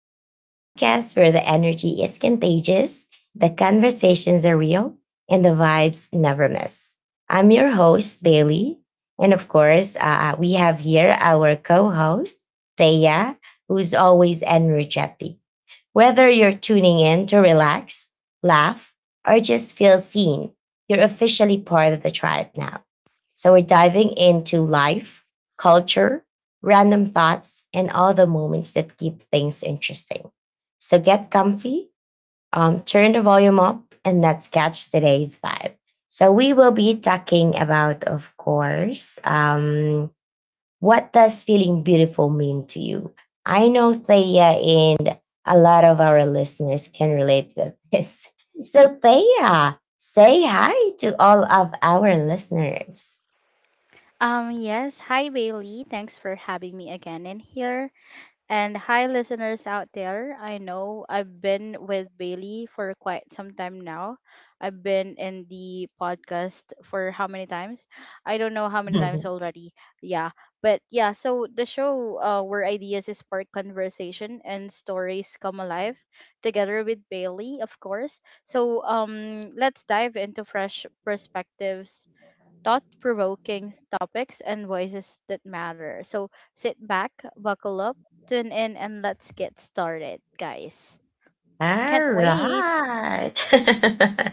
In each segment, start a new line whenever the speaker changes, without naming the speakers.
So, the podcast where the energy is contagious, the conversations are real, and the vibes never miss. I'm your host, Bailey. And of course, we have here our co host, Thea, who's always energetic. Whether you're tuning in to relax, laugh, or just feel seen, you're officially part of the tribe now. So we're diving into life, culture, random thoughts, and all the moments that keep things interesting. So get comfy, turn the volume up, and let's catch today's vibe. So we will be talking about, of course, what does feeling beautiful mean to you? I know Thea and a lot of our listeners can relate to this. So, Thea, say hi to all of our listeners.
Yes. Hi, Bailey. Thanks for having me again in here. And hi, listeners out there. I know I've been with Bailey for quite some time now. I've been in the podcast for how many times? I don't know how many times
All
already. Yeah. But yeah, so the show where ideas spark conversation and stories come alive together with Bailey, of course. So let's dive into fresh perspectives, thought provoking topics and voices that matter. So sit back, buckle up, tune in, and let's get started, guys. Can't wait.
right.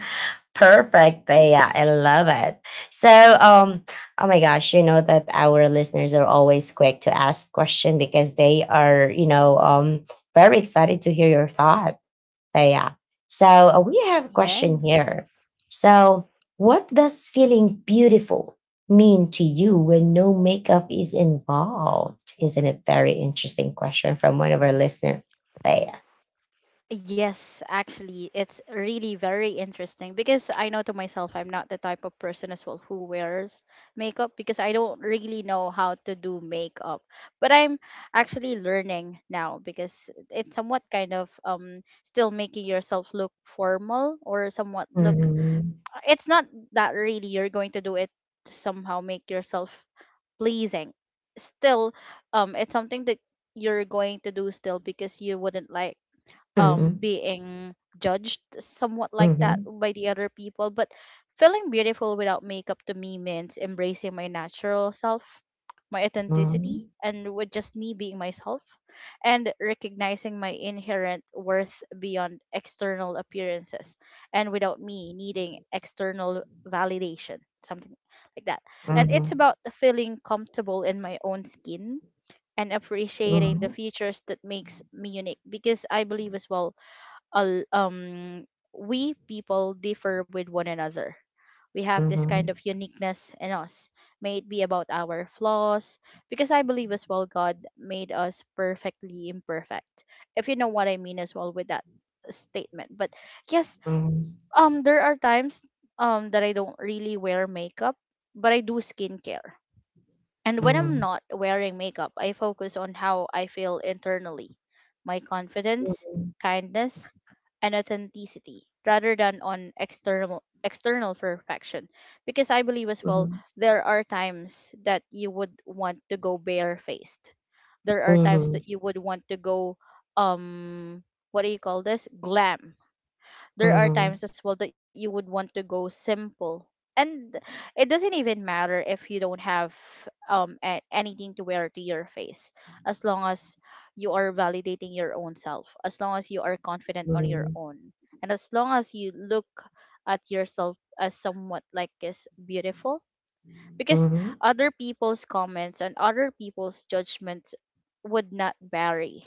Perfect, Thea. I love it. So, oh my gosh, you know that our listeners are always quick to ask questions because they are, very excited to hear your thought. So yeah. So we have a question here.
Yes.
So what does feeling beautiful mean to you when no makeup is involved? Isn't it very interesting question from one of our listeners? So yeah.
Yes, actually, it's really very interesting because I know to myself I'm not the type of person as well who wears makeup because I don't really know how to do makeup. But I'm actually learning now because it's somewhat kind of still making yourself look formal or somewhat look,
Mhm.
it's not that really you're going to do it to somehow make yourself pleasing still. It's something that you're going to do still because you wouldn't like
Mhm.
being judged somewhat like that
Mhm.
by the other people. But feeling beautiful without makeup to me means embracing my natural self, my authenticity,
Mhm.
and with just me being myself, and recognizing my inherent worth beyond external appearances, and without me needing external validation, something like that. And it's about feeling comfortable in my own skin and appreciating the
Mhm.
features that makes me unique, because I believe as well, uh, um we people differ with one another. We have this kind
Mhm.
of uniqueness in us. May it be about our flaws, because I believe as well God made us perfectly imperfect. If you know what I mean as well with that statement. But yes, there are times that I don't really wear makeup, but I do skincare. And when I'm
Mhm.
not wearing makeup, I focus on how I feel internally, my confidence, kindness, and authenticity rather than on external perfection, because I believe as well
Mhm.
there are times that you would want to go barefaced, there are times
Mhm.
that you would want to go, um what do you call this, glam, there are
Mhm.
times as well that you would want to go simple. And it doesn't even matter if you don't have anything to wear to your face, as long as you are validating your own self, as long as you are confident on your
Mhm.
own, and as long as you look at yourself as somewhat like is beautiful, because
Mhm.
other people's comments and other people's judgments would not vary,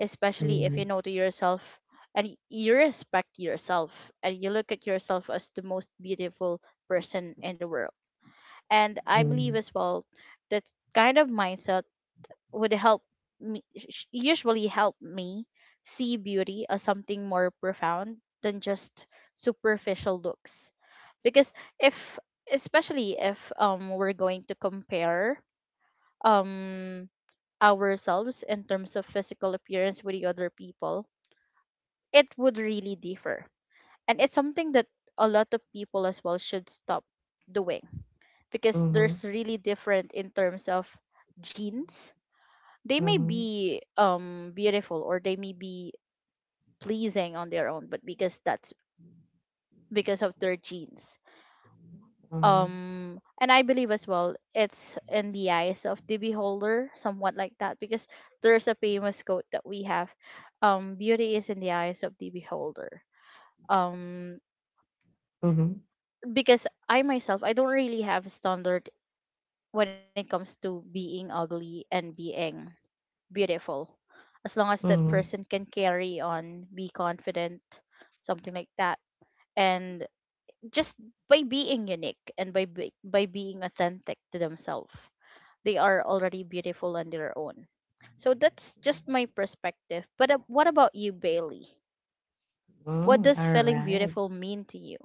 especially if you
Mhm.
know to yourself and you respect yourself and you look at yourself as the most beautiful person in the world. And I
Mhm.
believe
Mhm.
as well that kind of mindset would help usually help me see beauty as something more profound than just superficial looks. Because if, especially if we're going to compare, um, ourselves in terms of physical appearance with the other people, it would really differ. And it's something that a lot of people as well should stop doing, because
Mhm.
there's really different in terms of genes. They
Mhm.
may
Mhm.
be beautiful, or they may be pleasing on their own, but because that's because of their genes.
Mhm. Mhm.
And I believe as well it's in the eyes of the beholder, somewhat like that, because there's a famous quote that we have, beauty is in the eyes of the beholder, um
Mhm.
because I myself, I don't really have a standard when it comes to being ugly and being beautiful. As long as that
Mhm.
person can carry on, be confident, something like that. And just by being unique and by being authentic to themselves, they are already beautiful on their own. So that's just my perspective. But what about you, Bailey? What
Mm,
does
all
feeling
right.
beautiful mean to you?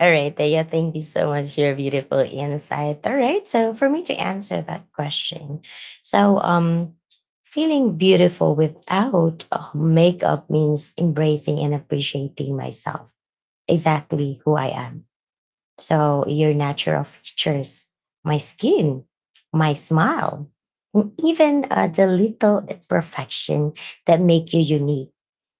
All right, Thea, thank you so much for your beautiful insight. All right, so for me to answer that question, so feeling beautiful without makeup means embracing and appreciating myself, exactly who I am. So your natural features, my skin, my smile, and even the little imperfection that make you unique.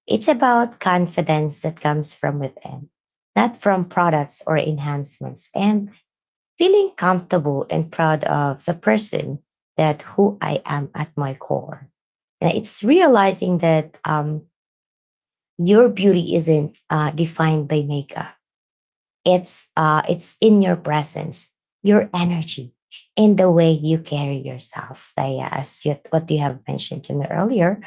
It's about confidence that comes from within, not from products or enhancements, and feeling comfortable and proud of the person that who I am at my core. And it's realizing that your beauty isn't defined by makeup. It's in your presence, your energy, in the way you carry yourself. Like as you, what you have mentioned to me earlier,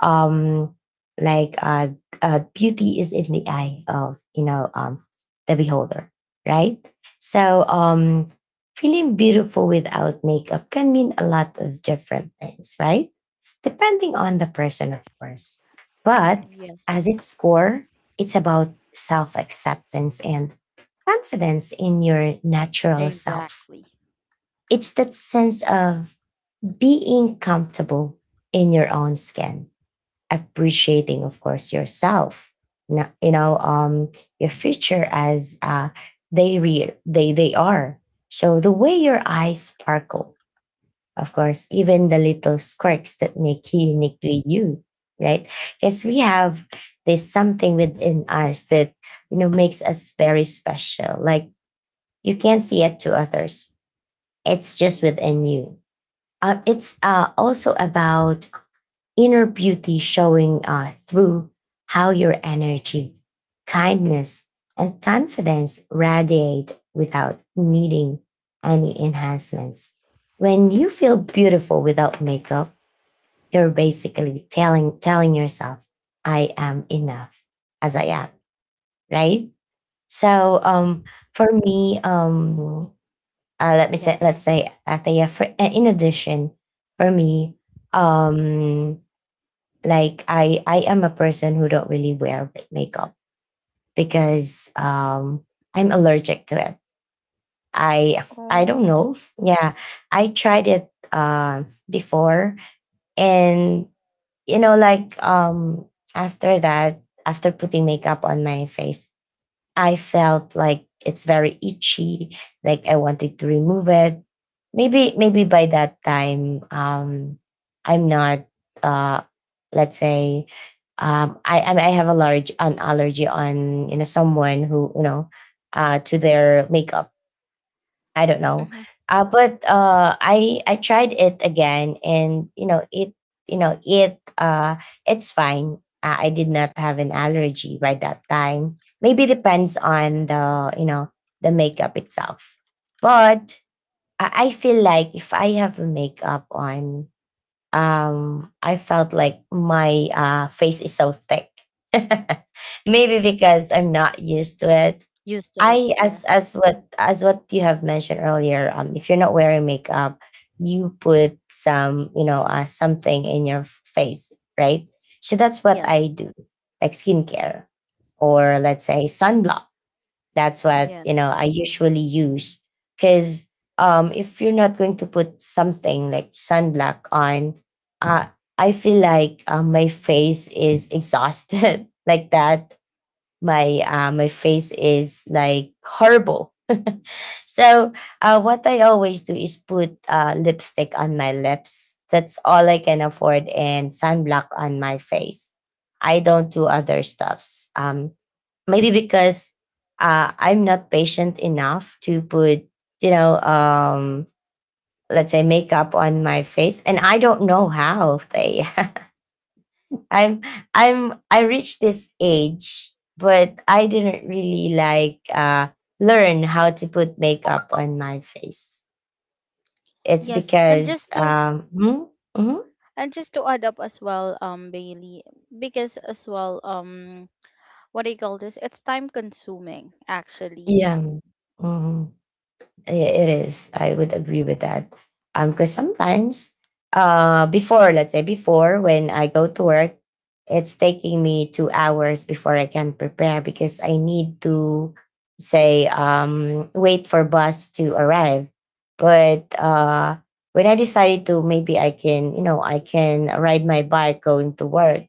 um, like uh, beauty is in the eye of the beholder, right? So feeling beautiful without makeup can mean a lot of different things, right? Depending on the person, of course. But
Yes,
as its core, it's about self acceptance and confidence in your natural self.
exactly.
It's that sense of being comfortable in your own skin, appreciating, of course, yourself. No- You know, your future as they are. So the way your eyes sparkle, of course, even the little quirks that make you uniquely you, right? Because we have this something within us that makes us very special. Like you can't see it to others. It's just within you. It's also about inner beauty showing through how your energy, kindness, and confidence radiate without needing any enhancements. When you feel beautiful without makeup, you're basically telling yourself, "I am enough as I am." Right? So, for me,
Yes.
let's say at a for, in addition for me. um like I am a person who don't really wear makeup because I'm allergic to it. i
Oh.
I don't know. Yeah, I tried it before, and you know like after putting makeup on my face I felt like it's very itchy, like I wanted to remove it. Maybe by that time, I'm not uh, let's say I have a large an allergy on someone who to their makeup. I don't know.
Hmm.
But I tried it again, and you know it uh, it's fine. I did not have an allergy by that time. Maybe depends on the you know the makeup itself. But I feel like if I have a makeup on, I felt like my face is so thick. Maybe because I'm not used to it.
Used to it.
I, as
Yes.
as what as what you have mentioned earlier, if you're not wearing makeup, you put some something in your face, right? So that's what
Yes.
I do, like skincare, or let's say sunblock. That's what
Yes.
I usually use, because if you're not going to put something like sunblock on, uh, I feel like my face is exhausted like that, my face is like horrible. So what I always do is put lipstick on my lips. That's all I can afford, and sunblock on my face. I don't do other stuffs. Maybe because I'm not patient enough to put, you know, let's say makeup on my face, and I don't know how they. I'm I reached this age, but I didn't really like learn how to put makeup on my face. It's
Yes. And
because
just to,
mhm, mhm,
and just to add up as well, Bailey, because as well, what do you call this? It's time consuming actually.
yeah. Mhm. It is. I would agree with that. Because sometimes, before, let's say before when I go to work, it's taking me 2 hours before I can prepare because I need to say wait for bus to arrive. But when I decided to maybe I can ride my bike going to work,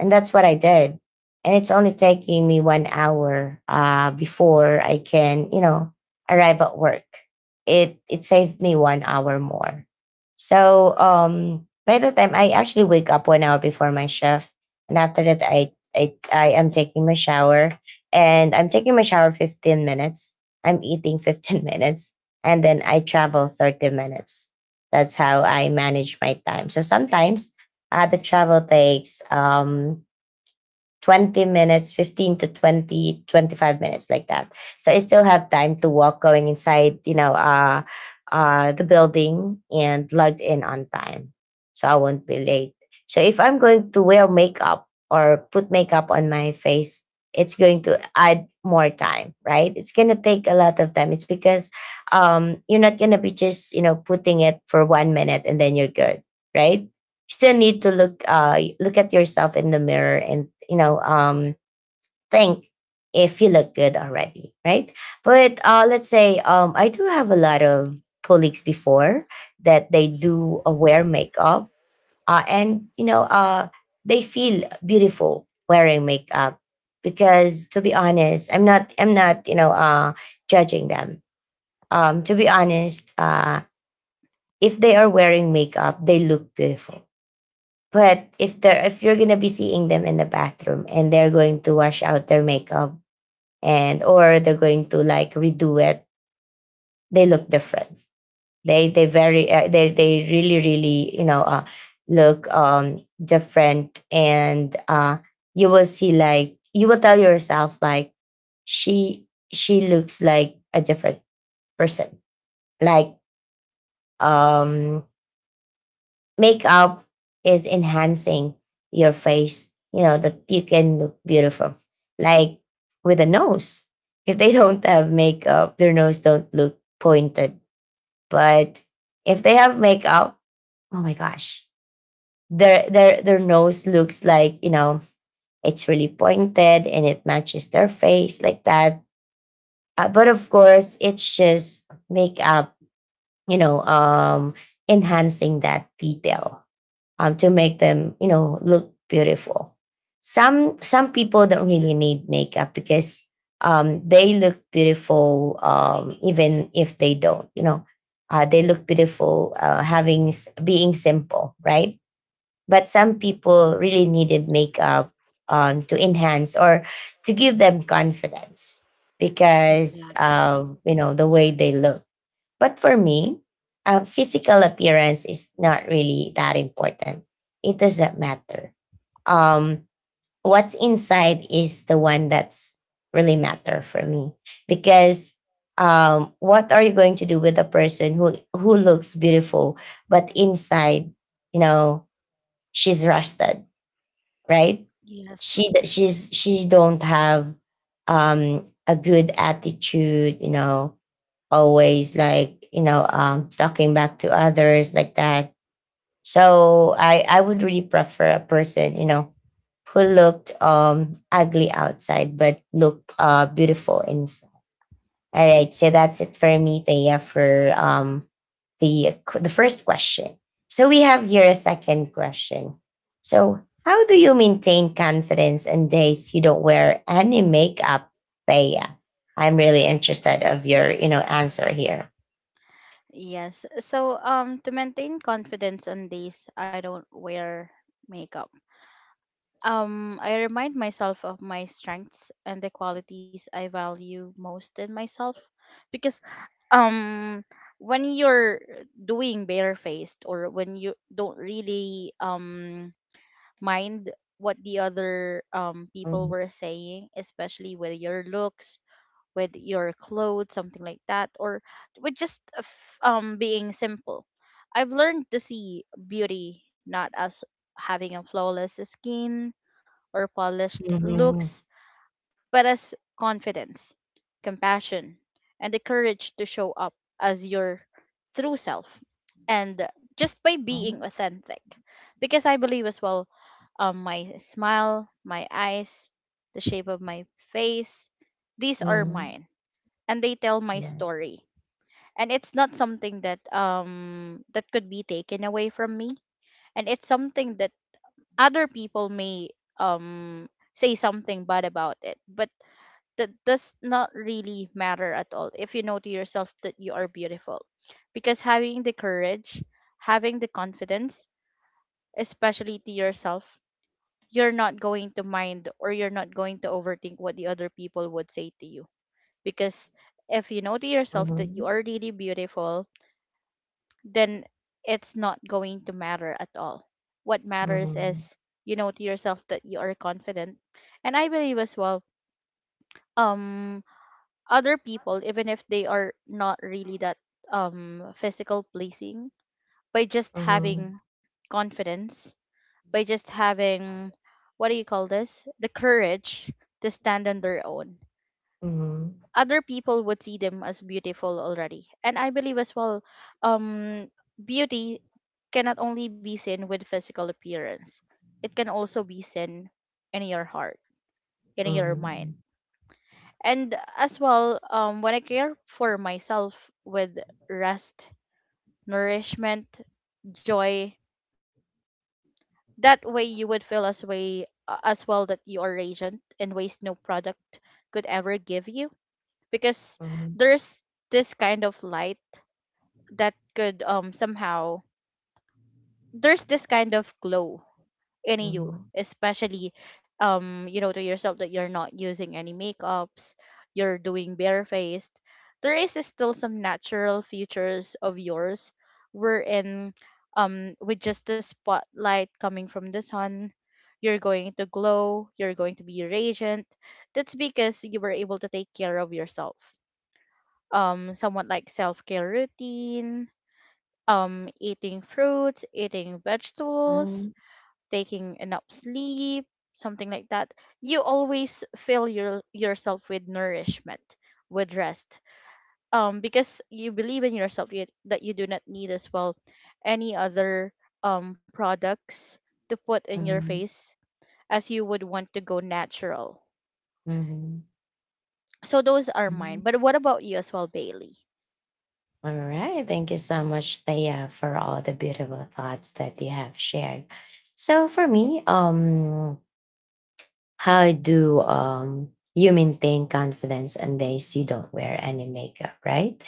and that's what I did. And it's only taking me 1 hour before I can, you know, arrive at work. It saved me 1 hour more. So by the time I actually wake up 1 hour before my shift, and after that I am taking my shower, and I'm taking my shower 15 minutes. I'm eating 15 minutes, and then I travel 30 minutes. That's how I manage my time. So sometimes the travel takes 20 minutes, 15 to 20, 25 minutes like that. So I still have time to walk going inside, the building and logged in on time. So I won't be late. So if I'm going to wear makeup or put makeup on my face, it's going to add more time, right? It's going to take a lot of time. It's because you're not going to be just, you know, putting it for 1 minute and then you're good, right? Still need to look at yourself in the mirror, and think if you look good already, right? But let's say I do have a lot of colleagues before that they do wear makeup, and they feel beautiful wearing makeup, because to be honest, I'm not judging them. To be honest, if they are wearing makeup, they look beautiful, but if you're gonna be seeing them in the bathroom and they're going to wash out their makeup, and or they're going to like redo it, they look different. They very they really really look different, and you will see like you will tell yourself like she looks like a different person. Like um makeup is enhancing your face, you know, that you can look beautiful. Like with a nose. If they don't have makeup, their nose don't look pointed. But if they have makeup, oh my gosh. Their nose looks like, you know, it's really pointed and it matches their face like that. But of course, it's just makeup, you know, um enhancing that detail, to make them, you know, look beautiful. Some people don't really need makeup because they look beautiful even if they don't. You know, they look beautiful having being simple, right? But some people really needed makeup to enhance or to give them confidence, because
Exactly.
you know the way they look. But for me, physical appearance is not really that important. It doesn't matter. Um, what's inside is the one that's really matter for me, because what are you going to do with a person who looks beautiful but inside, you know, she's rusted, right?
Yes.
She don't have a good attitude, always like talking back to others like that. So I would really prefer a person who looked ugly outside but looked beautiful inside. All right, so that's it for me, Thea, for the first question. So we have here a second question. So how do you maintain confidence in days you don't wear any makeup, Thea? I'm really interested of your answer here.
Yes. So, to maintain confidence on days I don't wear makeup. I remind myself of my strengths and the qualities I value most in myself, because um when you're doing barefaced, or when you don't really mind what the other people were saying, especially with your looks, with your clothes, something like that, or with just being simple. I've learned to see beauty not as having a flawless skin or polished
Mhm,
looks, but as confidence, compassion, and the courage to show up as your true self. And just by being
mhm,
authentic, because I believe as well, my smile, my eyes, the shape of my face, these are
mhm.
mine, and they tell my
Yes.
story. And it's not something that could be taken away from me, and it's something that other people may um say something bad about, it but that does not really matter at all if you know to yourself that you are beautiful. Because having the courage, having the confidence, especially to yourself, you're not going to mind or you're not going to overthink what the other people would say to you. Because if you know to yourself that you
Mhm,
are really beautiful, then it's not going to matter at all. What matters
mhm,
is you know to yourself that you are confident. And I believe as well, um other people, even if they are not really that physical pleasing, by just
mhm,
having confidence, by just having, what do you call this, the courage to stand on their own,
mhm,
other people would see them as beautiful already. And I believe as well, um, beauty cannot only be seen with physical appearance. It can also be seen in your heart, in your mind.
mhm,
And as well, when I care for myself with rest, nourishment, joy, that way you would feel as way, as well that you are radiant in ways no product could ever give you. Because
mhm,
there's this kind of light that could somehow, there's this kind of glow in you,
mhm,
especially you know to yourself that you're not using any makeups, you're doing barefaced. There is still some natural features of yours wherein, with just the spotlight coming from the sun, you're going to glow, you're going to be radiant. That's because you were able to take care of yourself, somewhat like self-care routine, eating fruits, eating vegetables,
mhm,
taking enough sleep, something like that. You always fill yourself with nourishment, with rest, because you believe in yourself, you, that you do not need as well any other products to put in your
mhm,
face, as you would want to go natural.
mhm,
So those are
mhm.
mine, but what about you as well, Bailey?
All right. Thank you so much, Thea, for all the beautiful thoughts that you have shared. So for me, how do you maintain confidence on days you don't wear any makeup, right?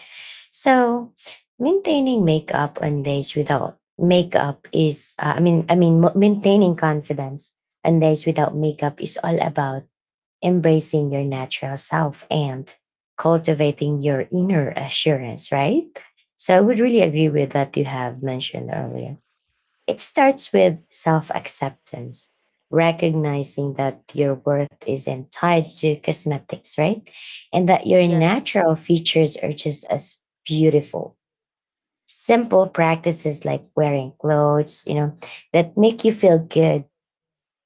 So, maintaining makeup on days without makeup is, maintaining confidence on days without makeup is all about embracing your natural self and cultivating your inner assurance, right? So, I would really agree with that you have mentioned earlier. It starts with self acceptance, recognizing that your worth isn't tied to cosmetics, right? And that your
Yes
natural features are just as beautiful. Simple practices like wearing clothes, you know, that make you feel good,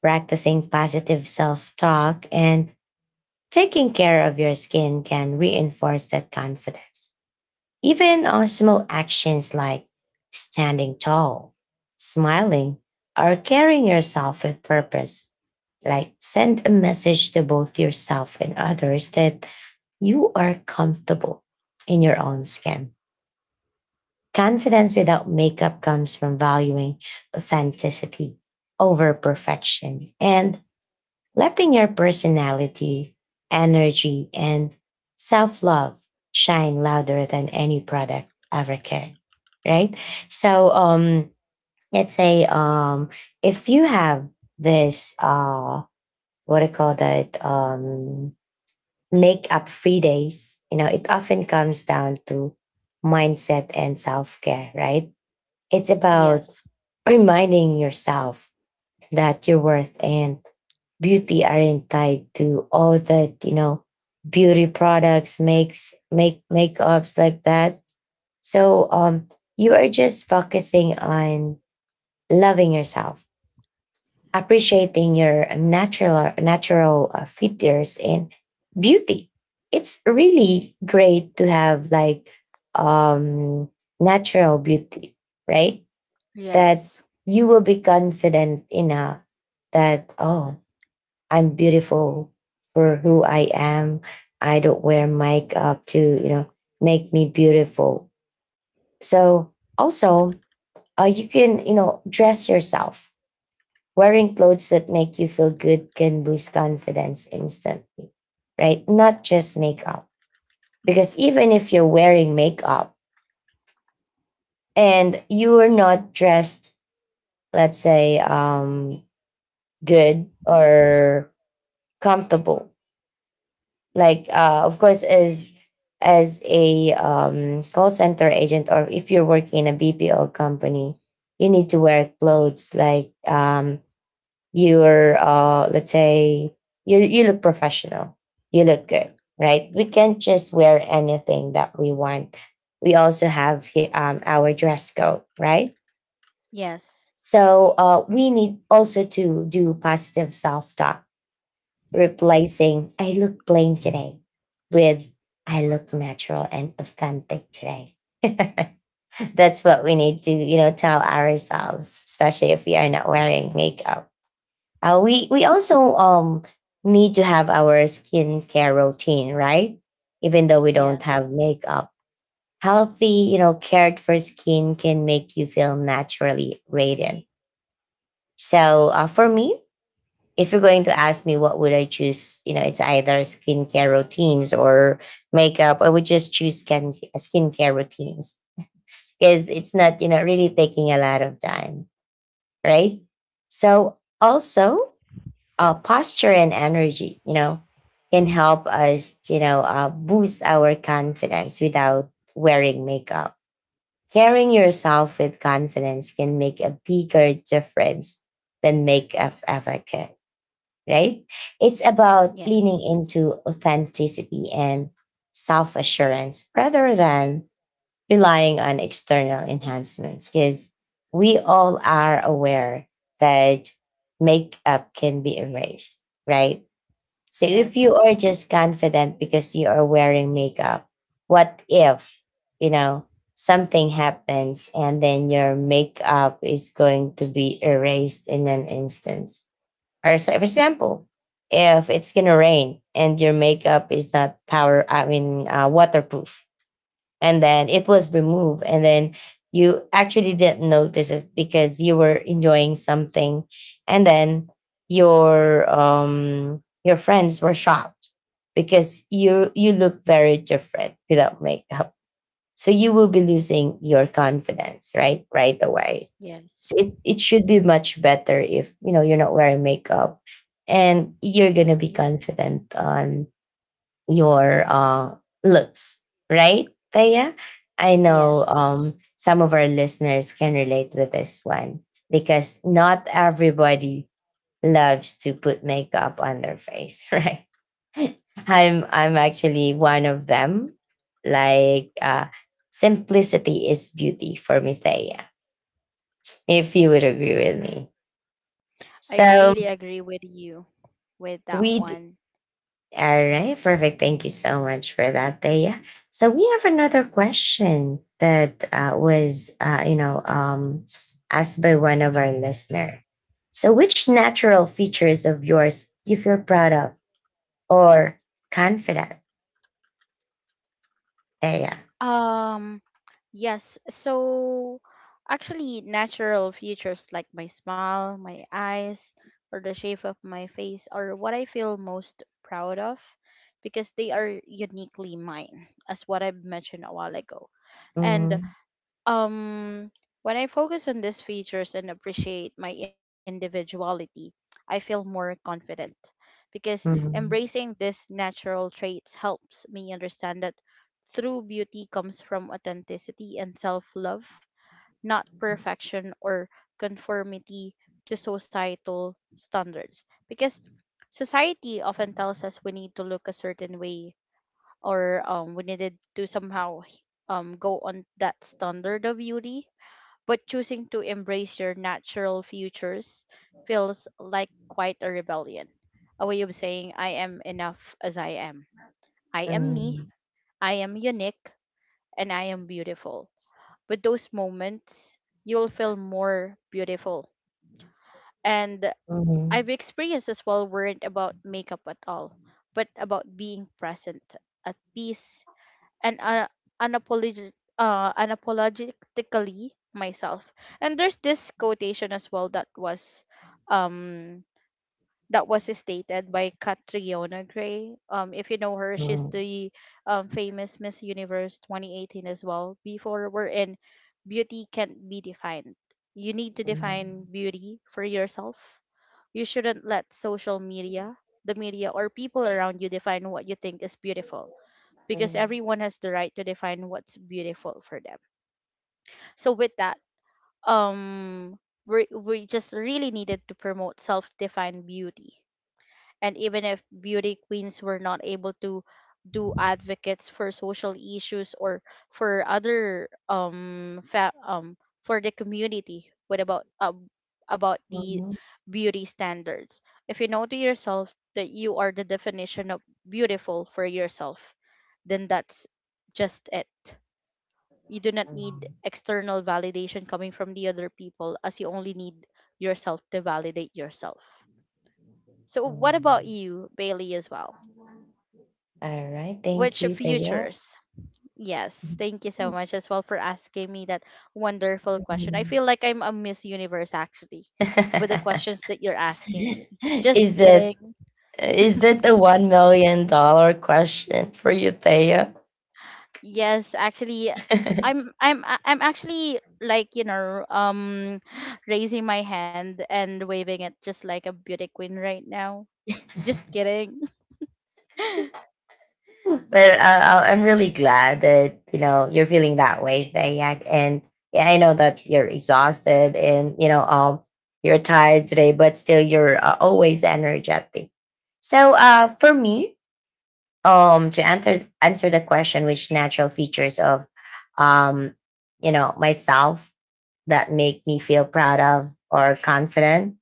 practicing positive self talk, and taking care of your skin can reinforce that confidence. Even on small actions like standing tall, smiling, or carrying yourself with purpose, like send a message to both yourself and others that you are comfortable in your own skin. Confidence without makeup comes from valuing authenticity over perfection and letting your personality, energy, and self love shine louder than any product ever can. Right? So, let's say if you have this, what do you call that, makeup free days, you know, it often comes down to mindset and self care, right? It's about
Yes.
reminding yourself that you're worth and beauty aren't tied to all that you know beauty products make makeups like that. So you are just focusing on loving yourself, appreciating your natural features and beauty. It's really great to have like um natural beauty, right? That
Yes.
you will be confident enough that, oh, I'm beautiful for who I am. I don't wear makeup to, you know, make me beautiful. So also, you can, you know, dress yourself. Wearing clothes that make you feel good can boost confidence instantly, right? Not just makeup. Because even if you're wearing makeup and you are not dressed, let's say, good or comfortable, like of course, as a call center agent or if you're working in a BPO company, you need to wear clothes like you're let's say you look professional, you look good, right? We can't just wear anything that we want. We also have our dress code, right?
Yes.
So we need also to do positive self talk, replacing "I look plain today" with "I look natural and authentic today." That's what we need to, you know, tell ourselves, especially if we are not wearing makeup. We also need to have our skincare routine, right? Even though we don't have
Yes.
makeup, healthy, you know, cared for skin can make you feel naturally radiant. So for me, if you're going to ask me what would I choose, you know, it's either skincare routines or makeup, I would just choose skincare routines because it's not, you know, really taking a lot of time, right? So also, posture and energy, you know, can help us, you know, boost our confidence without wearing makeup. Carrying yourself with confidence can make a bigger difference than makeup ever can, right? It's about leaning
Yes.
into authenticity and self assurance rather than relying on external enhancements because we all are aware that makeup can be erased, right? So if you
Yes.
are just confident because you are wearing makeup, what if, you know, something happens and then your makeup is going to be erased in an instant? Or so, for example, if it's gonna rain and your makeup is not power, I mean waterproof, and then it was removed, and then you actually didn't notice it because you were enjoying something, and then your friends were shocked because you look very different without makeup. So you will be losing your confidence, right? Right away. So
Yes.
it should be much better if, you know, you're not wearing makeup and you're going to be confident on your looks, right, Taya? I know
Yes.
some of our listeners can relate with this one because not everybody loves to put makeup on their face, right? I'm actually one of them. Like simplicity is beauty for me, Thea. If you would agree with me,
I
so
really agree with you with that
we. d-
one.
all right, perfect. Thank you so much for that, Thea. So we have another question that was asked by one of our listener. So, which natural features of yours you feel proud of or confident, Thea?
Um yes. So actually natural features like my smile, my eyes, or the shape of my face are what I feel most proud of because they are uniquely mine, as what I mentioned a while ago. And
Mm,
Um, when I focus on these features and appreciate my individuality, I feel more confident because
mm, mm.
embracing these natural traits helps me understand that true beauty comes from authenticity and self love, not perfection or conformity to societal standards. Because society often tells us we need to look a certain way, or we needed to somehow go on that standard of beauty, but choosing to embrace your natural futures feels like quite a rebellion. A way of saying, I am enough as I am. I am
Mm.
me, I am unique, and I am beautiful. With those moments, you'll feel more beautiful. And I've
Mhm.
experienced as well weren't about makeup at all, but about being present, at peace, and unapologetically myself. And there's this quotation as well um that was stated by Catriona Gray. If you know her, she's
Mhm.
the famous Miss Universe 2018 as well. Before we're in, beauty can't be defined. You need to define
Mhm.
beauty for yourself. You shouldn't let social media, the media, or people around you define what you think is beautiful, because
Mhm.
everyone has the right to define what's beautiful for them. So with that, um we just really needed to promote self-defined beauty. And even if beauty queens were not able to do advocates for social issues or for other for the community, what about the
Mhm.
beauty standards? If you know to yourself that you are the definition of beautiful for yourself, then that's just it. You do not need
Mhm.
external validation coming from the other people, as you only need yourself to validate yourself. So, what about
Mhm.
you, Bailey, as well?
All right. Thank
Which
you, Thea.
futures? Yes, thank you so much as well for asking me that wonderful question. I
Mhm.
feel like I'm a Miss Universe actually with the questions that you're asking me. Just
is that
kidding.
is that the one million dollar question for you, Thea?
Yes, actually, I'm actually like, raising my hand and waving it just like a beauty queen right now. Just kidding.
But I'm really glad that you know you're feeling that way, Dayak. And yeah, I know that you're exhausted and you know you're tired today, but still you're always energetic. So for me, to answer the question, which natural features of um you know myself that make me feel proud of or confident,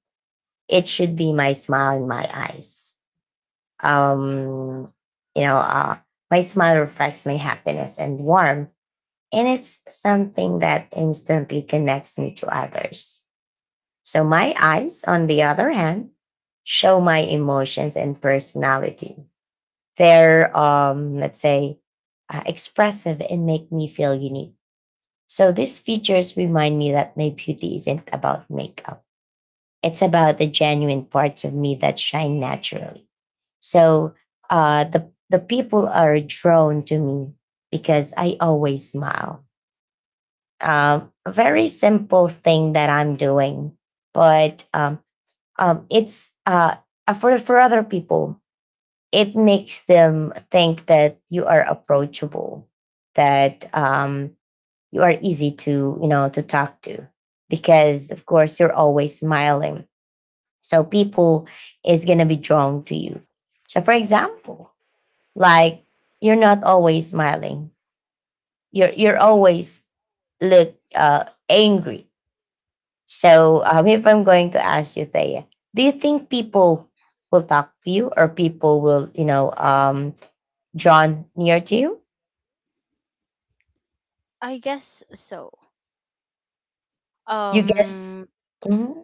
it should be my smile in my eyes. um, you know, my smile reflects my happiness and warmth, and it's something that instantly connects me to others. So, my eyes, on the other hand, show my emotions and personality. They're, let's say, expressive and make me feel unique. So, these features remind me that my beauty isn't about makeup, it's about the genuine parts of me that shine naturally. So the people are drawn to me because I always smile. A very simple thing that I'm doing, but it's for other people, it makes them think that you are approachable, that you are easy to you know to talk to, because of course you're always smiling. So people is gonna be drawn to you. So for example, like you're not always smiling. You're always look angry. So if I'm going to ask you, Thea, do you think people will talk to you or people will you know drawn near to you?
I guess so.
You guess.
Um
Mm-hmm.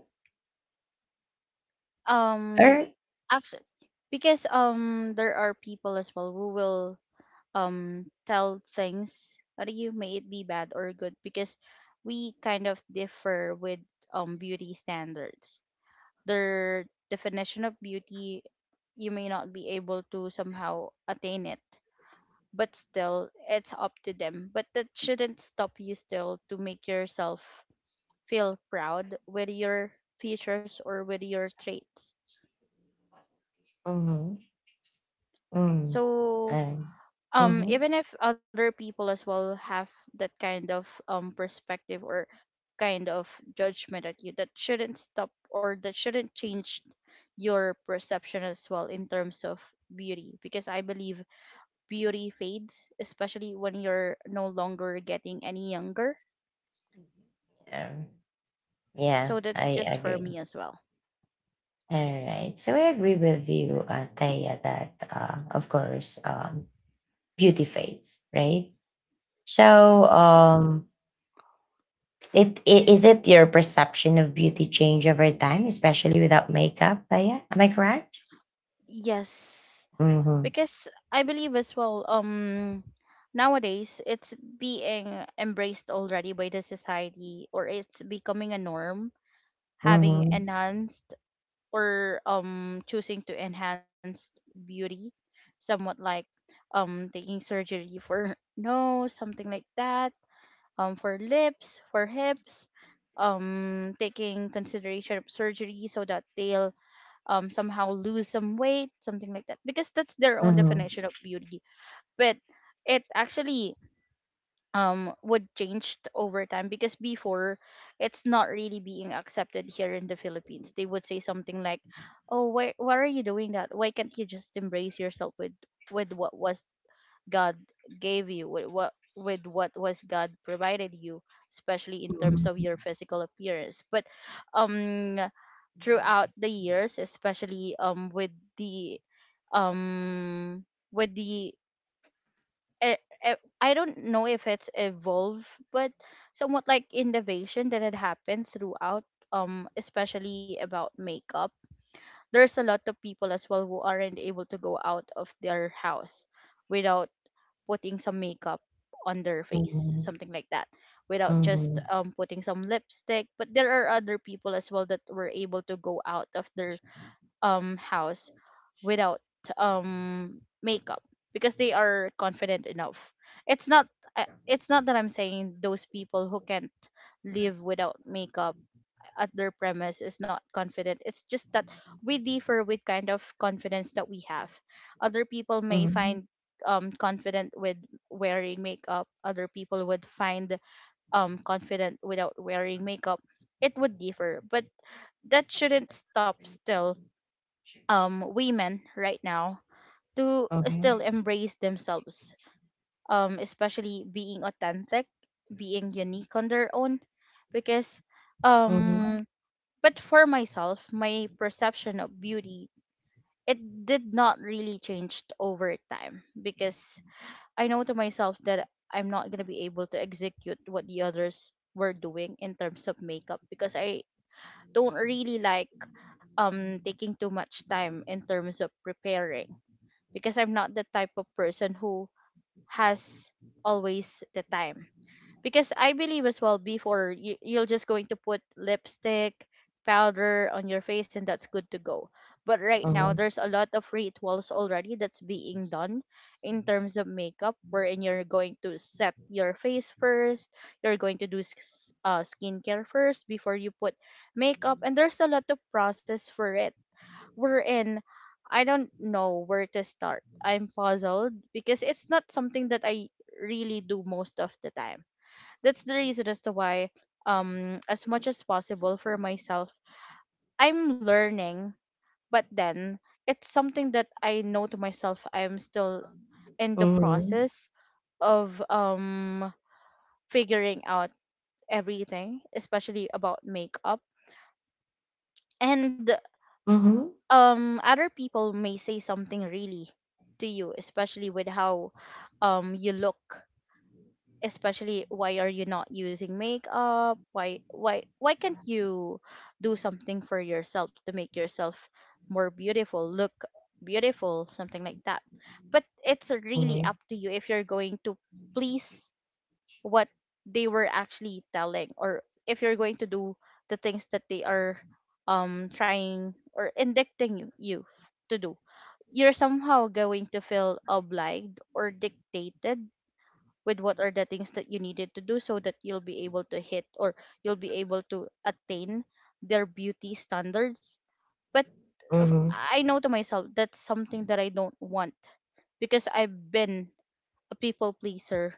All
um
right.
actually, because there are people as well who will tell things that you may it be bad or good, because we kind of differ with beauty standards, their definition of beauty. You may not be able to somehow attain it, but still it's up to them. But that shouldn't stop you still to make yourself feel proud with your features or with your traits.
Mm-hmm. Mm-hmm.
So,
Um, mm-hmm.
even if other people as well have that kind of perspective, or kind of judgment at you, that shouldn't stop or that shouldn't change your perception as well in terms of beauty, because I believe beauty fades, especially when you're no longer getting any younger.
Yeah, yeah,
So
I
that's just for
agree.
me as well.
All right. So I agree with you, Thea, that of course, beauty fades, right? So,
Yes,
is it your perception of beauty change over time, especially without makeup? But yeah, am I correct?
yes,
Mm-hmm.
because I believe as well, nowadays it's being embraced already by the society, or it's becoming a norm, having
Mm-hmm.
enhanced or choosing to enhance beauty, somewhat like taking surgery for nose, something like that, for lips, for hips, taking consideration of surgery so that they'll somehow lose some weight, something like that, because that's their own
Mm-hmm.
definition of beauty. But it actually would change over time, because before it's not really being accepted here in the Philippines. They would say something like, "Oh, why are you doing that? Why can't you just embrace yourself with what was God gave you, with what was God provided you, especially in terms of your physical appearance." But um throughout the years, especially with the um with the I don't know if it's evolve, but somewhat like innovation that had happened throughout, especially about makeup. There's a lot of people as well who aren't able to go out of their house without putting some makeup on their face,
Mm-hmm.
something like that, without just
Mm-hmm.
putting some lipstick. But there are other people as well that were able to go out of their house without makeup, because they are confident enough. It's not— it's not that I'm saying those people who can't live without makeup at their premise is not confident. It's just that we differ with kind of confidence that we have. Other people may
Mm-hmm.
find confident with wearing makeup, other people would find confident without wearing makeup. It would differ, but that shouldn't stop still women right now to still
Okay.
embrace themselves, especially being authentic, being unique on their own, because
Mm-hmm.
um but for myself, my perception of beauty, it did not really change over time, because I know to myself that I'm not going to be able to execute what the others were doing in terms of makeup, because I don't really like taking too much time in terms of preparing, because I'm not the type of person who has always the time. Because I believe as well before, you, you're just going to put lipstick, powder on your face, and that's good to go. But right now
Mm-hmm.
there's a lot of rituals already that's being done in terms of makeup, wherein you're going to set your face first, you're going to do skincare first before you put makeup, and there's a lot of process for it, we're in, I don't know where to start. I'm puzzled because it's not something that I really do most of the time. That's the reason as to why, as much as possible for myself, I'm learning, but then it's something that I know to myself I'm still in the
Mm-hmm.
process of figuring out everything, especially about makeup. And
Mm-hmm.
other people may say something really to you, especially with how you look, especially why are you not using makeup, why can't you do something for yourself to make yourself more beautiful, look beautiful, something like that. But it's really
Mm-hmm.
up to you if you're going to please what they were actually telling, or if you're going to do the things that they are trying or indicting you to do. You're somehow going to feel obliged or dictated with what are the things that you needed to do so that you'll be able to hit or you'll be able to attain their beauty standards. But
Mm-hmm.
I know to myself that's something that I don't want, because I've been a people pleaser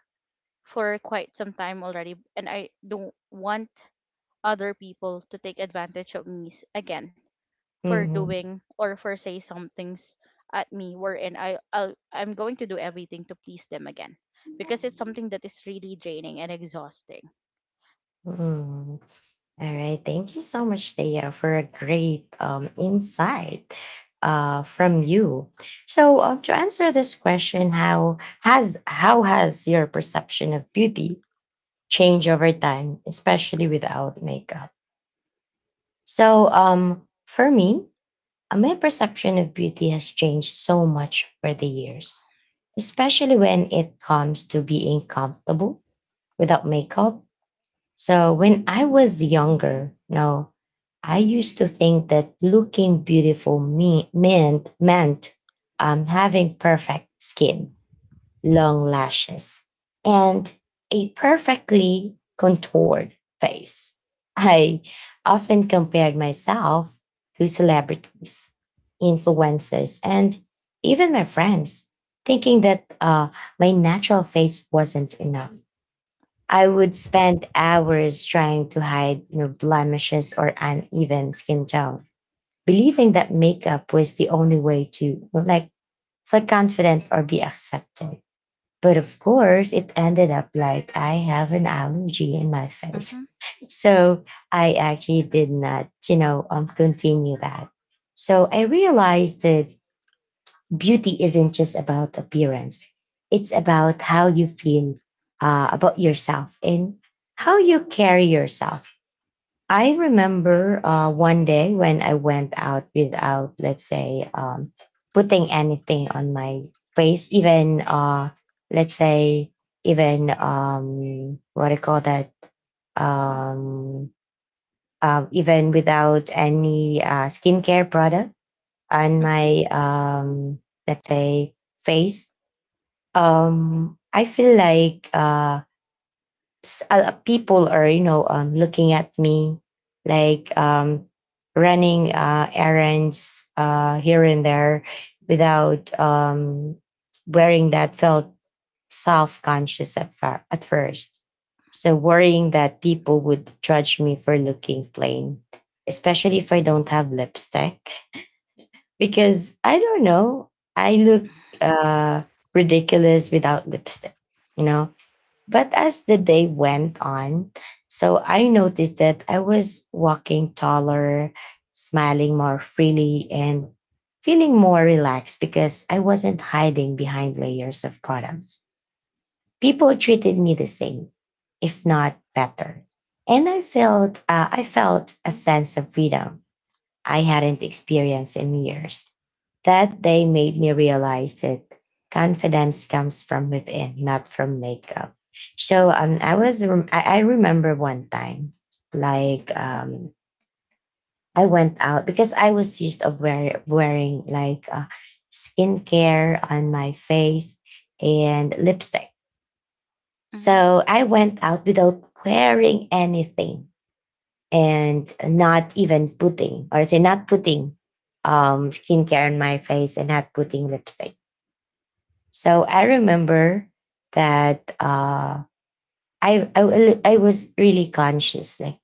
for quite some time already, and I don't want other people to take advantage of me again for
Mm-hmm.
doing or for say some things at me, wherein I'm going to do everything to please them again, because it's something that is really draining and exhausting.
Mm-hmm. All right. Thank you so much, Thea, for a great insight from you. So, to answer this question, how has your perception of beauty changed over time, especially without makeup? So, for me, my perception of beauty has changed so much over the years, especially when it comes to being comfortable without makeup. So when I was younger, no, I used to think that looking beautiful meant having perfect skin, long lashes, and a perfectly contoured face. I often compared myself to celebrities, influencers, and even my friends, thinking that my natural face wasn't enough. I would spend hours trying to hide, you know, blemishes or uneven skin tone, believing that makeup was the only way to like feel confident or be accepted. But of course, it ended up like I have an allergy in my
Mhm.
face. So I actually did not, you know, continue that. So I realized that beauty isn't just about appearance, it's about how you feel about yourself and how you carry yourself. I remember one day when I went out without, let's say, putting anything on my face, even let's say even what I call that um, even without any skincare product on
Mhm.
my let's say face. I feel like people are you know looking at me like running errands here and there without wearing that felt self-conscious at first, so worrying that people would judge me for looking plain, especially if I don't have lipstick, because I don't know, I look uh, ridiculous without lipstick, you know. But as the day went on, so I noticed that I was walking taller, smiling more freely, and feeling more relaxed because I wasn't hiding behind layers of products. People treated me the same, if not better. And I felt a sense of freedom I hadn't experienced in years. That day made me realize that confidence comes from within, not from makeup. So I remember one time, like I went out because I was used of wearing like skincare on my face and lipstick.
Mhm.
So I went out without wearing anything and not even putting, or I say not putting skincare on my face and not putting lipstick. So I remember that I was really conscious, like,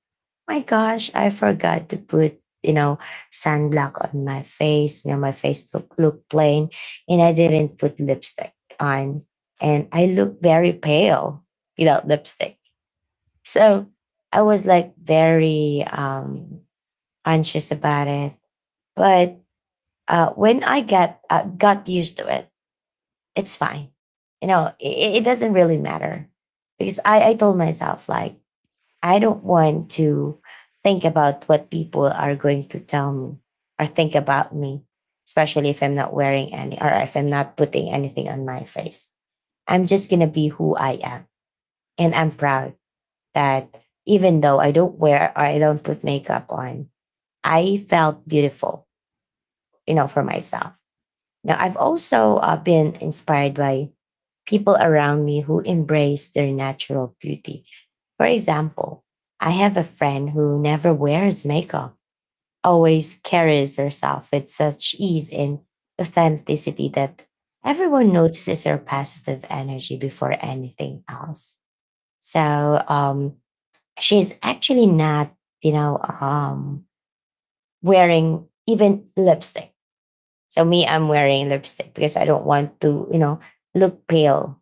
my gosh, I forgot to put, you know, sunblock on my face. You know, my face looked plain, and I didn't put lipstick on, and I look very pale without lipstick. So I was like very conscious about it, but when I got used to it, it's fine. You know, it doesn't really matter because I told myself, like, I don't want to think about what people are going to tell me or think about me, especially if I'm not wearing any or if I'm not putting anything on my face. I'm just going to be who I am. And I'm proud that even though I don't wear or I don't put makeup on, I felt beautiful, you know, for myself. Now, I've also been inspired by people around me who embrace their natural beauty. For example, I have a friend who never wears makeup, always carries herself with such ease and authenticity that everyone notices her positive energy before anything else. So um, she's actually not, you know, um, wearing even lipstick. So me, I'm wearing lipstick because I don't want to, you know, look pale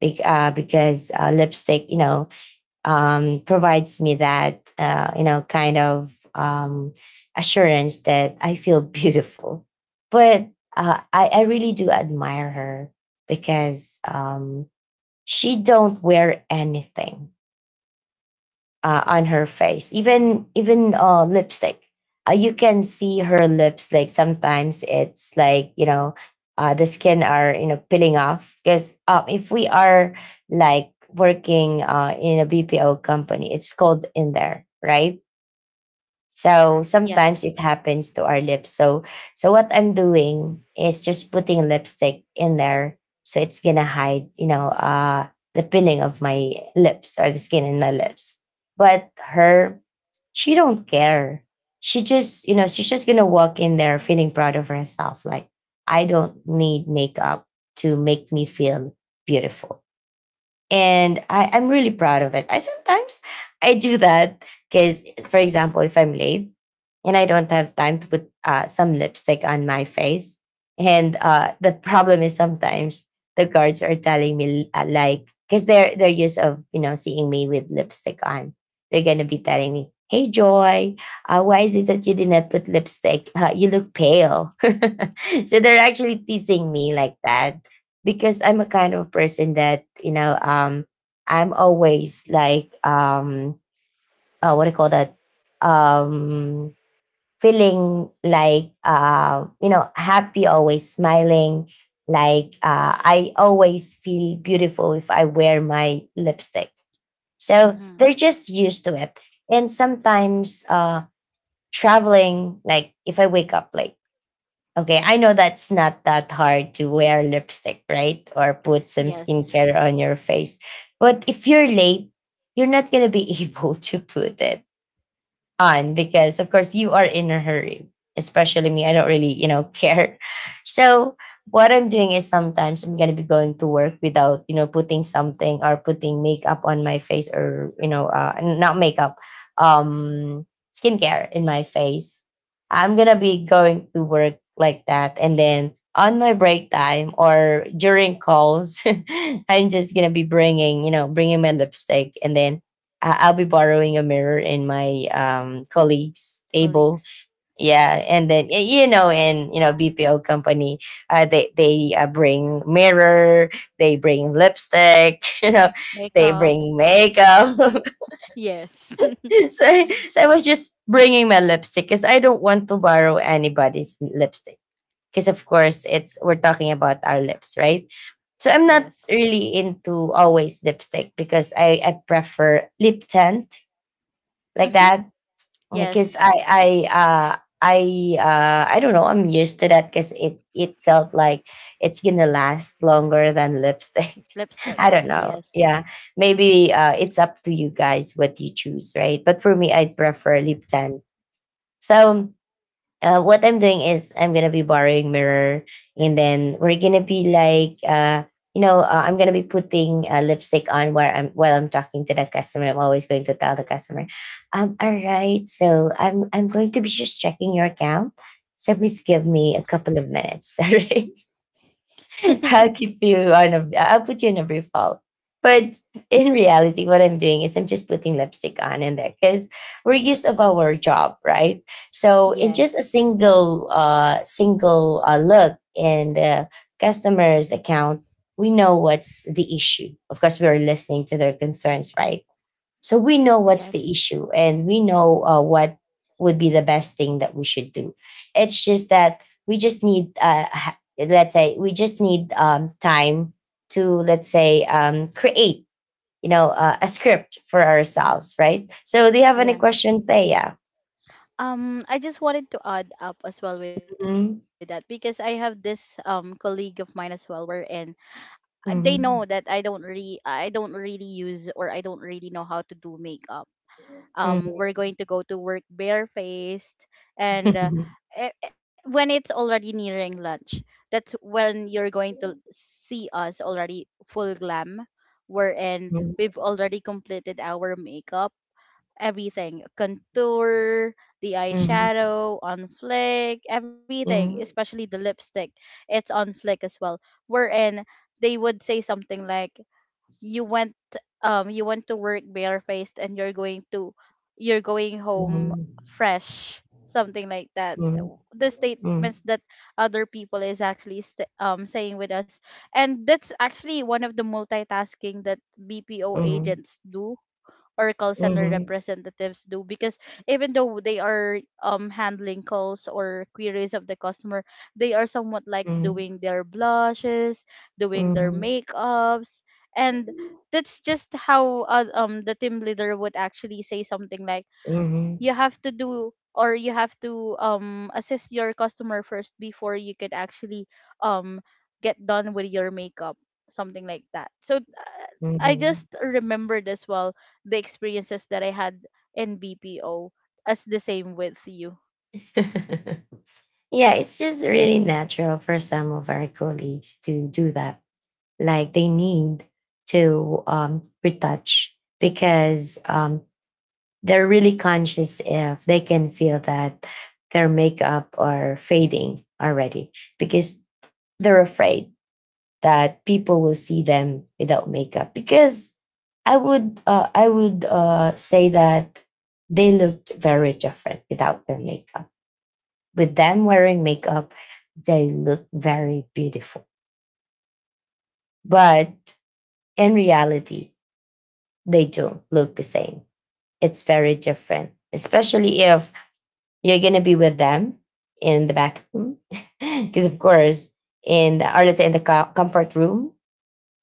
because lipstick, you know, provides me that, kind of assurance that I feel beautiful. But I really do admire her because she don't wear anything on her face. Even lipstick, you can see her lips. Like sometimes it's like you know, the skin are you know peeling off. Because if we are like working in a BPO company, it's cold in there, right? So
Yes.
sometimes it happens to our lips. So what I'm doing is just putting lipstick in there so it's gonna hide, you know, the peeling of my lips or the skin in my lips. But her, she don't care. She just, you know, she's just gonna walk in there feeling proud of herself. Like, I don't need makeup to make me feel beautiful and I'm really proud of it. I sometimes I do that because, for example, if I'm late and I don't have time to put some lipstick on my face, and the problem is sometimes the guards are telling me like because they're used of you know seeing me with lipstick on, they're gonna be telling me. Hey Joy, why is it that you did not put lipstick? You look pale. So they're actually teasing me like that because I'm a kind of person that I'm always like, what do you call that, um feeling like you know happy always smiling like I always feel beautiful if I wear my lipstick, so
Mhm.
they're just used to it. And sometimes traveling, like if I wake up late. Okay, I know that's not that hard to wear lipstick, right? Or put some
Yes.
skincare on your face. But if you're late, you're not going to be able to put it on because of course you are in a hurry, especially me, I don't really you know care. So what I'm doing is sometimes I'm going to be going to work without you know putting something or putting makeup on my face or you know not makeup, um skincare in my face. I'm going to be going to work like that, and then on my break time or during calls, I'm just going to be bringing you know bringing my lipstick, and then I'll be borrowing a mirror in my colleague's table.
Colleagues.
Yeah, and then you know, and you know, BPO company, they bring mirror, they bring lipstick, you know, they
Makeup.
bring makeup.
Yes.
So I was just bringing my lipstick because I don't want to borrow anybody's lipstick. Because of course, it's we're talking about our lips, right? So I'm not
Yes.
really into always lipstick because I prefer lip tint like
Mhm.
that because
Yes.
I I don't know, I'm used to that because it felt like it's gonna last longer than lipstick.
Lipstick.
I don't know.
Yes.
Yeah. Maybe it's up to you guys what you choose, right? But for me I'd prefer lip tint. So what I'm doing is I'm gonna be borrowing mirror, and then we're gonna be like, I'm gonna be putting lipstick on while I'm talking to the customer. I'm always going to tell the customer, all right, so I'm going to be just checking your account. So please give me a couple of minutes, all right? I'll keep you on a, I'll put you in a brief haul. But in reality, what I'm doing is I'm just putting lipstick on in there because we're used of our job, right? So in just a
Yes.
single, single look in the customer's account, we know what's the issue. Of course, we are listening to their concerns, right? So we know what's
Yes.
the issue, and we know what would be the best thing that we should do. It's just that we just need, ha- let's say, we just need time to, let's say, create, you know, a script for ourselves, right? So do you have any
Yes.
questions, Thea?
I just wanted to add up as well with that, because I
Mhm.
have this colleague of mine as well, wherein they know that I
Mhm.
don't really I don't really use, or I don't really know how to do makeup. Um,
Mhm.
we're going to go to work barefaced, and when it's already nearing lunch, that's when you're going to see us already full glam, wherein
Mhm.
we've already completed our makeup, everything contour, the
Mhm.
eyeshadow on flick, everything, especially the lipstick, it's on flick as well, wherein they would say something like, you went— you went to work barefaced, and you're going to— you're going home
Mhm.
fresh, something like that.
Mhm.
The
Mhm.
statements that other people is actually saying with us. And that's actually one of the multitasking that BPO
Mhm.
agents do, or call center
Mhm.
representatives do, because even though they are handling calls or queries of the customer, they are somewhat like
Mhm.
doing their blushes, doing their
Mhm.
makeups, and that's just how the team leader would actually say something like,
Mhm.
you have to do, or you have to assist your customer first before you could actually um get done with your makeup, something like that. So I just
Mhm.
remembered as well the experiences that I had in BPO, as the same with you.
Yeah, it's just really natural for some of our colleagues to do that. Like they need to retouch because they're really conscious if they can feel that their makeup are fading already because they're afraid that people will see them without makeup because I would say that they looked very different without their makeup. With them wearing makeup, they look very beautiful. But in reality, they don't look the same. It's very different, especially if you're gonna be with them in the bathroom, because of course, in the, or let's say in the comfort room,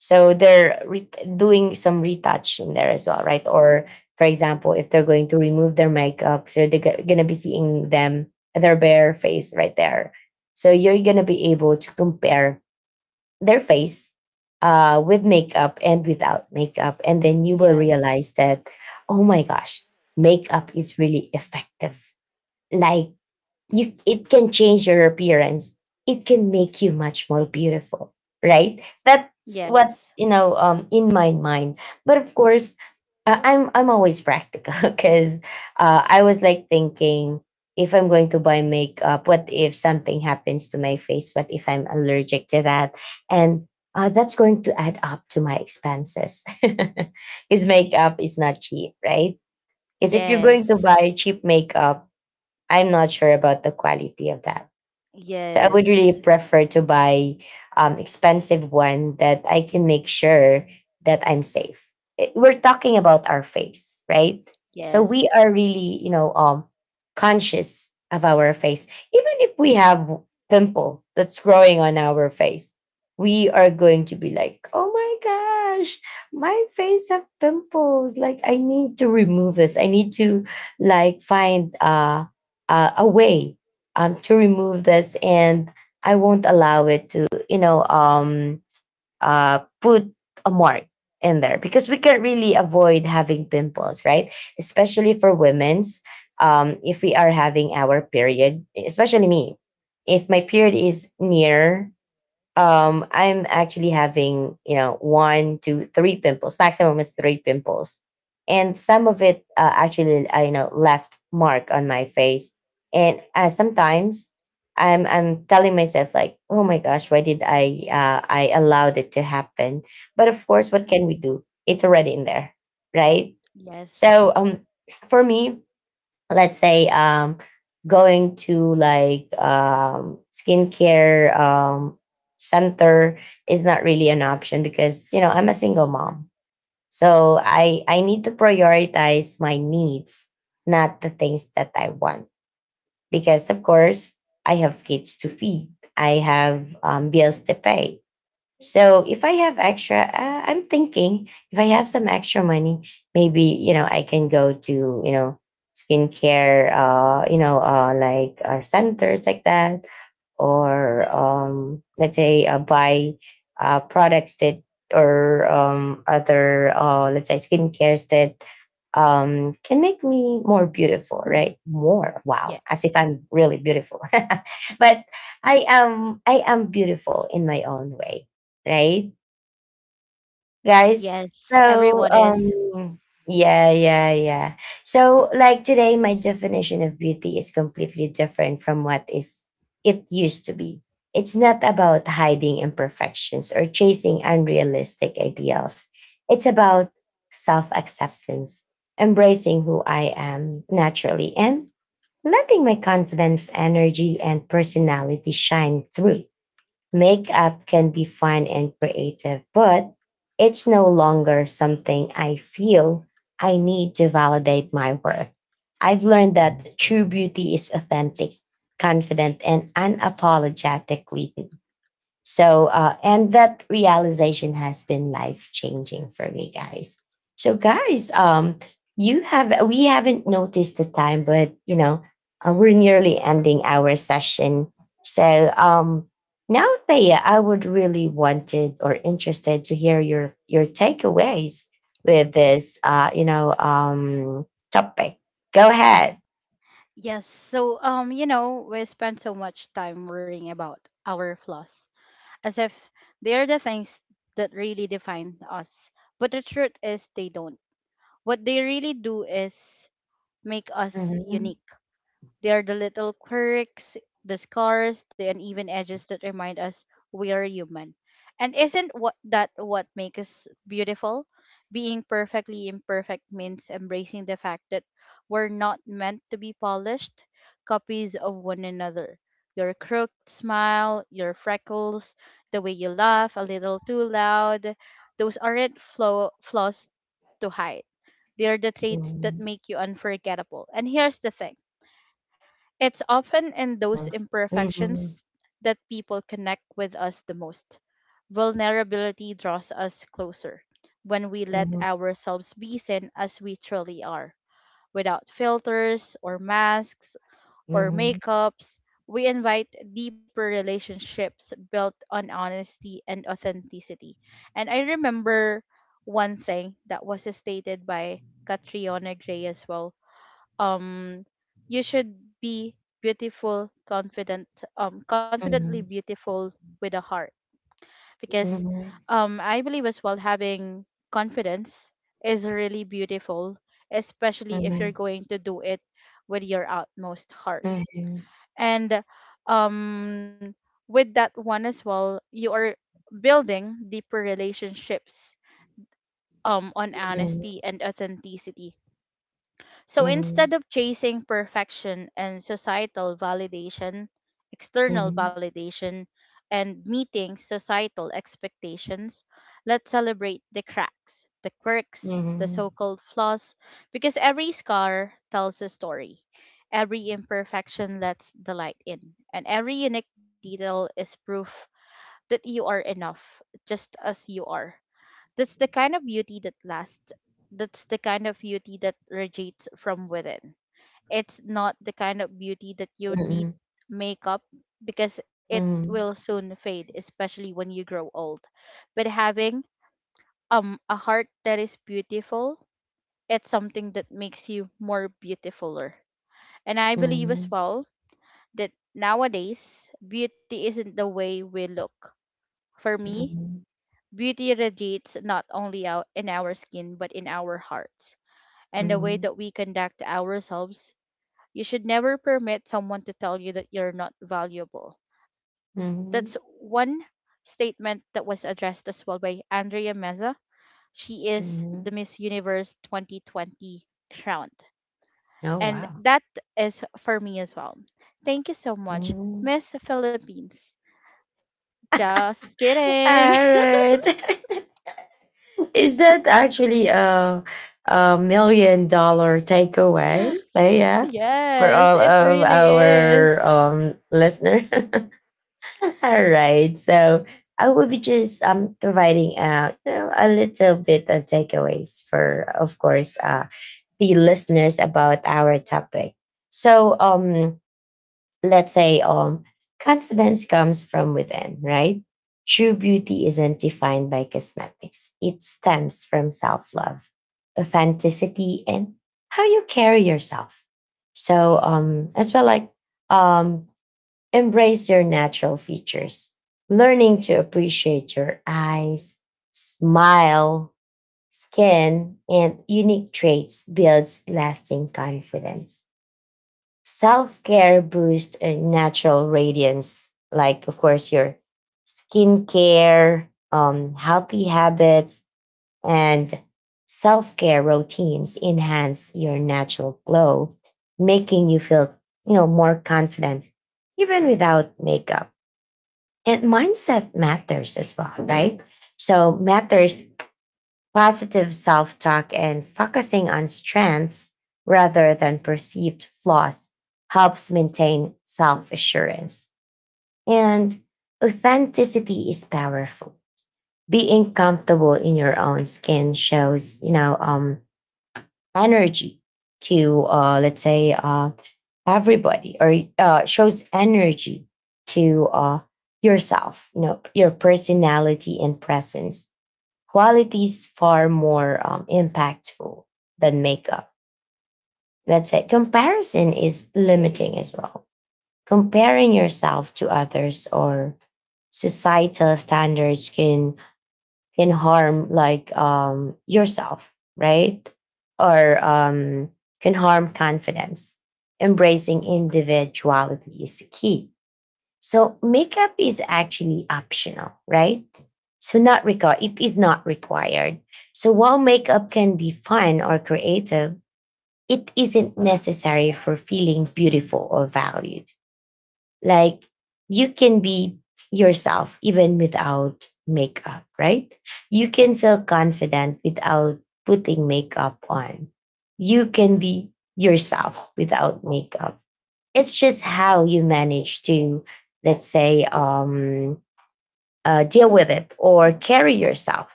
so they're doing some retouch in there as well, right? Or for example, if they're going to remove their makeup, so they're going to be seeing them their bare face right there. So you're going to be able to compare their face with makeup and without makeup, and then you will
Yes,
realize that oh my gosh, makeup is really effective. Like you it can change your appearance, it can make you much more beautiful, right? That's what
yes,
you know in my mind. But of course, I'm always practical because I was like thinking, if I'm going to buy makeup, what if something happens to my face, what if I'm allergic to that, and that's going to add up to my expenses. His makeup is not cheap, right? Because if you're going to
yes,
buy cheap makeup, I'm not sure about the quality of that. So I would
yes,
really prefer to buy expensive one that I can make sure that I'm safe. Eh, we're talking about our face, right? So we are
yes.
really, you know, conscious of our face. Even if we have pimple that's growing on our face, we are going to be like, "Oh my gosh, my face have pimples. Like I need to remove this. I need to like find a way, to remove this, and I won't allow it to, you know, put a mark in there because we can really avoid having pimples, right? Especially for women's. If we are having our period, especially me, if my period is near, I'm actually having you know 1, 2, 3 pimples, maximum is three pimples, and some of it actually I you know left mark on my face. And sometimes i'm telling myself like oh my gosh, why did I allowed it to happen. But of course, what
Mm,
can we do, it's already in there, right?
yes,
So for me, let's say going to like skincare center is not really an option because you know I'm a single mom, so i need to prioritize my needs, not the things that I want, because of course I have kids to feed, I have bills to pay. So if I have extra, I'm thinking if I have some extra money, maybe you know I can go to you know skincare, like centers like that, or let's say buy products that, or other let's say skincares that can make me more beautiful, right? More wow,
yes,
as if I'm really beautiful, but I am beautiful in my own way, right, guys?
yes.
So,
Everyone is—
yeah, yeah, yeah. So, like today, my definition of beauty is completely different from what is it used to be. It's not about hiding imperfections or chasing unrealistic ideals. It's about self acceptance, embracing who I am naturally, and letting my confidence, energy, and personality shine through. Makeup can be fun and creative, but it's no longer something I feel I need to validate my worth. I've learned that true beauty is authentic, confident, and unapologetically so, and that realization has been life changing for me, guys. So, guys, you have we haven't noticed the time, but we're nearly ending our session. So, now, Thea, I would really wanted or interested to hear your takeaways with this, topic. Go ahead.
yes. So, we spend so much time worrying about our flaws, as if they are the things that really define us. But the truth is, they don't. What they really do is make us
Mhm.
unique. They are the little quirks, the scars, the uneven edges that remind us we are human. And isn't what that what makes us beautiful? Being perfectly imperfect means embracing the fact that we're not meant to be polished copies of one another. Your crooked smile, your freckles, the way you laugh a little too loud, those aren't flaws to hide. They are the traits that
Mhm.
make you unforgettable. And here's the thing, it's often in those
Mhm.
imperfections
Mhm.
that people connect with us the most. Vulnerability draws us closer when we let ourselves be seen as we truly are, without filters or masks or
Mhm.
makeups. We invite deeper relationships built on honesty and authenticity. And I remember one thing that was stated by Catriona Gray as well, um you should be beautiful confident confidently
Mhm.
beautiful with a heart, because I believe as well, having confidence is really beautiful, especially if you're
Mhm.
going to do it with your utmost heart.
Mhm.
And um with that one as well, you are building deeper relationships on honesty and authenticity. So instead
Mhm.
of chasing perfection and societal validation, external
Mhm.
validation, and meeting societal expectations, let's celebrate the cracks, the quirks, the so
Mhm.
called flaws, because every scar tells a story. Every imperfection lets the light in, and every unique detail is proof that you are enough, just as you are. That's the kind of beauty that lasts. That's the kind of beauty that radiates from within. It's not the kind of beauty that you need
Mhm.
makeup, because it will
Mhm.
soon fade, especially when you grow old. But having a heart that is beautiful, it's something that makes you more beautifuler. And I
Mhm. Mhm.
believe
Mhm.
as
Mhm.
well that nowadays beauty isn't the way we look. For me,
Mhm.
beauty radiates not only out in our skin, but in our hearts, and the way
Mhm.
that we conduct ourselves. You should never permit someone to tell you that you're not valuable. That's one
Mhm.
statement that was addressed as well by Andrea Meza. She is the
Mhm.
Miss Universe 2020 crowned.
Oh,
And
wow.
that is for me as well. Thank you so much,
Mm.
Miss Philippines. Just
All
kidding.
right. Is that actually a million dollar takeaway? Like, yeah, for
Yes,
all
it
of
really
our
is.
listener. All right. So I will be just providing a little bit of takeaways for, of course, the listeners about our topic. So, let's say confidence comes from within, right? True beauty isn't defined by cosmetics. It stems from self-love, authenticity, and how you carry yourself. So as well, like um embrace your natural features. Learning to appreciate your eyes, smile, skin, and unique traits builds lasting confidence. Self care boosts natural radiance, like, of course, your skincare, healthy habits, and self care routines enhance your natural glow, making you feel, you know, more confident even without makeup. And mindset matters as well, right? So, matters. Positive self talk and focusing on strengths rather than perceived flaws helps maintain self assurance. And authenticity is powerful. Being comfortable in your own skin shows, you know, energy to, let's say, everybody, or shows energy to yourself, you know. Your personality and presence quality is far more impactful than makeup. That's it. Comparison is limiting as well. Comparing yourself to others or societal standards can harm, like, yourself, right? Or can harm confidence. Embracing individuality is key, so makeup is actually optional, right? So not required. It is not required. So while makeup can be fun or creative, it isn't necessary for feeling beautiful or valued. Like, you can be yourself even without makeup, right? You can feel confident without putting makeup on. You can be yourself without makeup. It's just how you manage to, let's say, deal with it or carry yourself,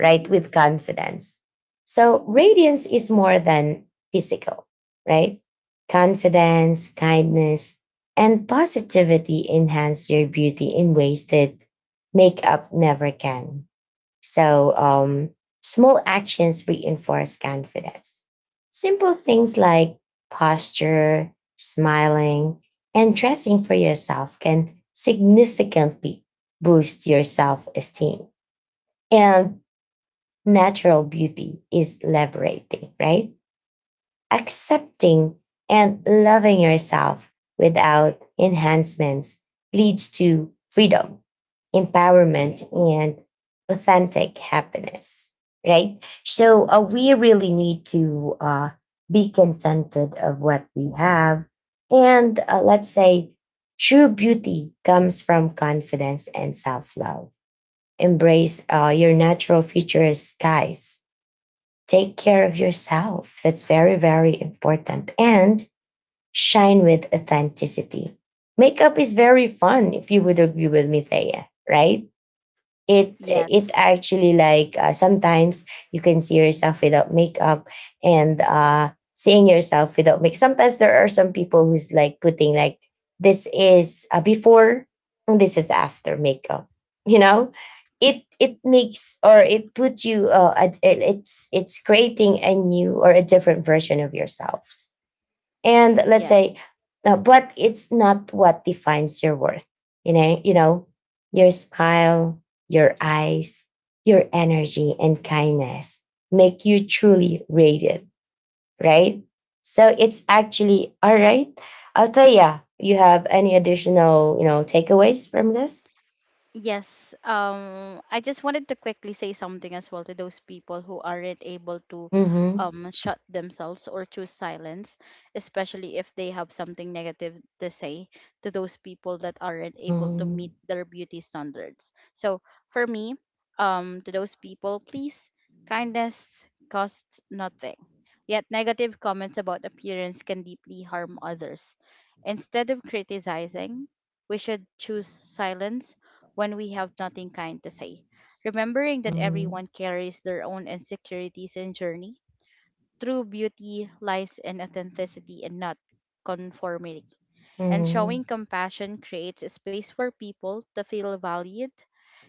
right, with confidence. So radiance is more than physical, right? Confidence, kindness, and positivity enhance your beauty in ways that makeup never can. So, small actions reinforce confidence. Simple things like posture, smiling, and dressing for yourself can significantly boost your self esteem. And natural beauty is liberating, right? Accepting and loving yourself without enhancements leads to freedom, empowerment, and authentic happiness, right? So we really need to be contented of what we have. And let's say true beauty comes from confidence and self love. Embrace your natural features, guys. Take care of yourself. That's very, very important. And shine with authenticity. Makeup is very fun, if you would agree with me, Thea, right? It
Yes,
actually, like, sometimes you can see yourself without makeup, and seeing yourself without make sometimes there are some people who's like putting, like, this is before and this is after makeup, you know. It makes, or it puts you it's creating a new or a different version of yourselves. And let's say
yes.
but it's not what defines your worth, you know. Your smile, your eyes, your energy and kindness make you truly rated, right? So it's actually all right. Althea, you have any additional, you know, takeaways from this?
Yes, I just wanted to quickly say something as well to those people who aren't able to
Mm-hmm.
shut themselves or choose silence, especially if they have something negative to say to those people that aren't able to
Mm-hmm.
meet their beauty standards. So for me, to those people, please, kindness costs nothing. Yet negative comments about appearance can deeply harm others. Instead of criticizing, we should choose silence when we have nothing kind to say. Remembering that
Mm-hmm.
everyone carries their own insecurities and journey, true beauty lies in authenticity and not conformity. And showing
Mm-hmm.
compassion creates a space for people to feel valued.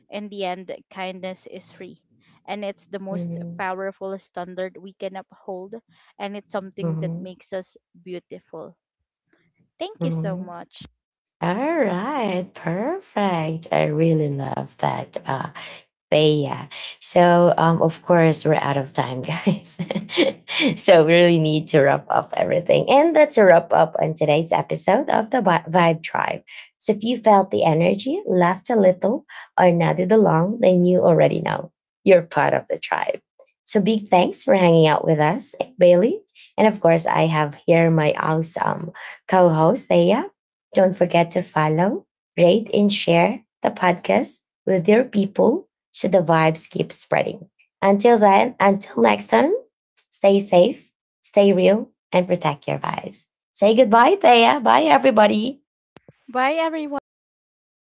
In the end, kindness is free. And it's the
Mm-hmm.
most
Mm-hmm.
powerful standard we can uphold. And it's something
Mm-hmm.
that
Mm-hmm.
makes us beautiful. Thank you so
Mm-hmm.
much.
All right, perfect. I really love that. Thea. So, of course, we're out of time, guys. So, we really need to wrap up everything. And that's a wrap up on today's episode of the Vibe Tribe. So, if you felt the energy, laughed a little, or nodded along, then you already know you're part of the tribe. So, big thanks for hanging out with us, Bailey. And of course, I have here my awesome co host, Thea. Don't forget to follow, rate, and share the podcast with your people so the vibes keep spreading. Until then, until next time, stay safe, stay real, and protect your vibes. Say goodbye, Thea. Bye, everybody.
Bye, everybody. Thank you so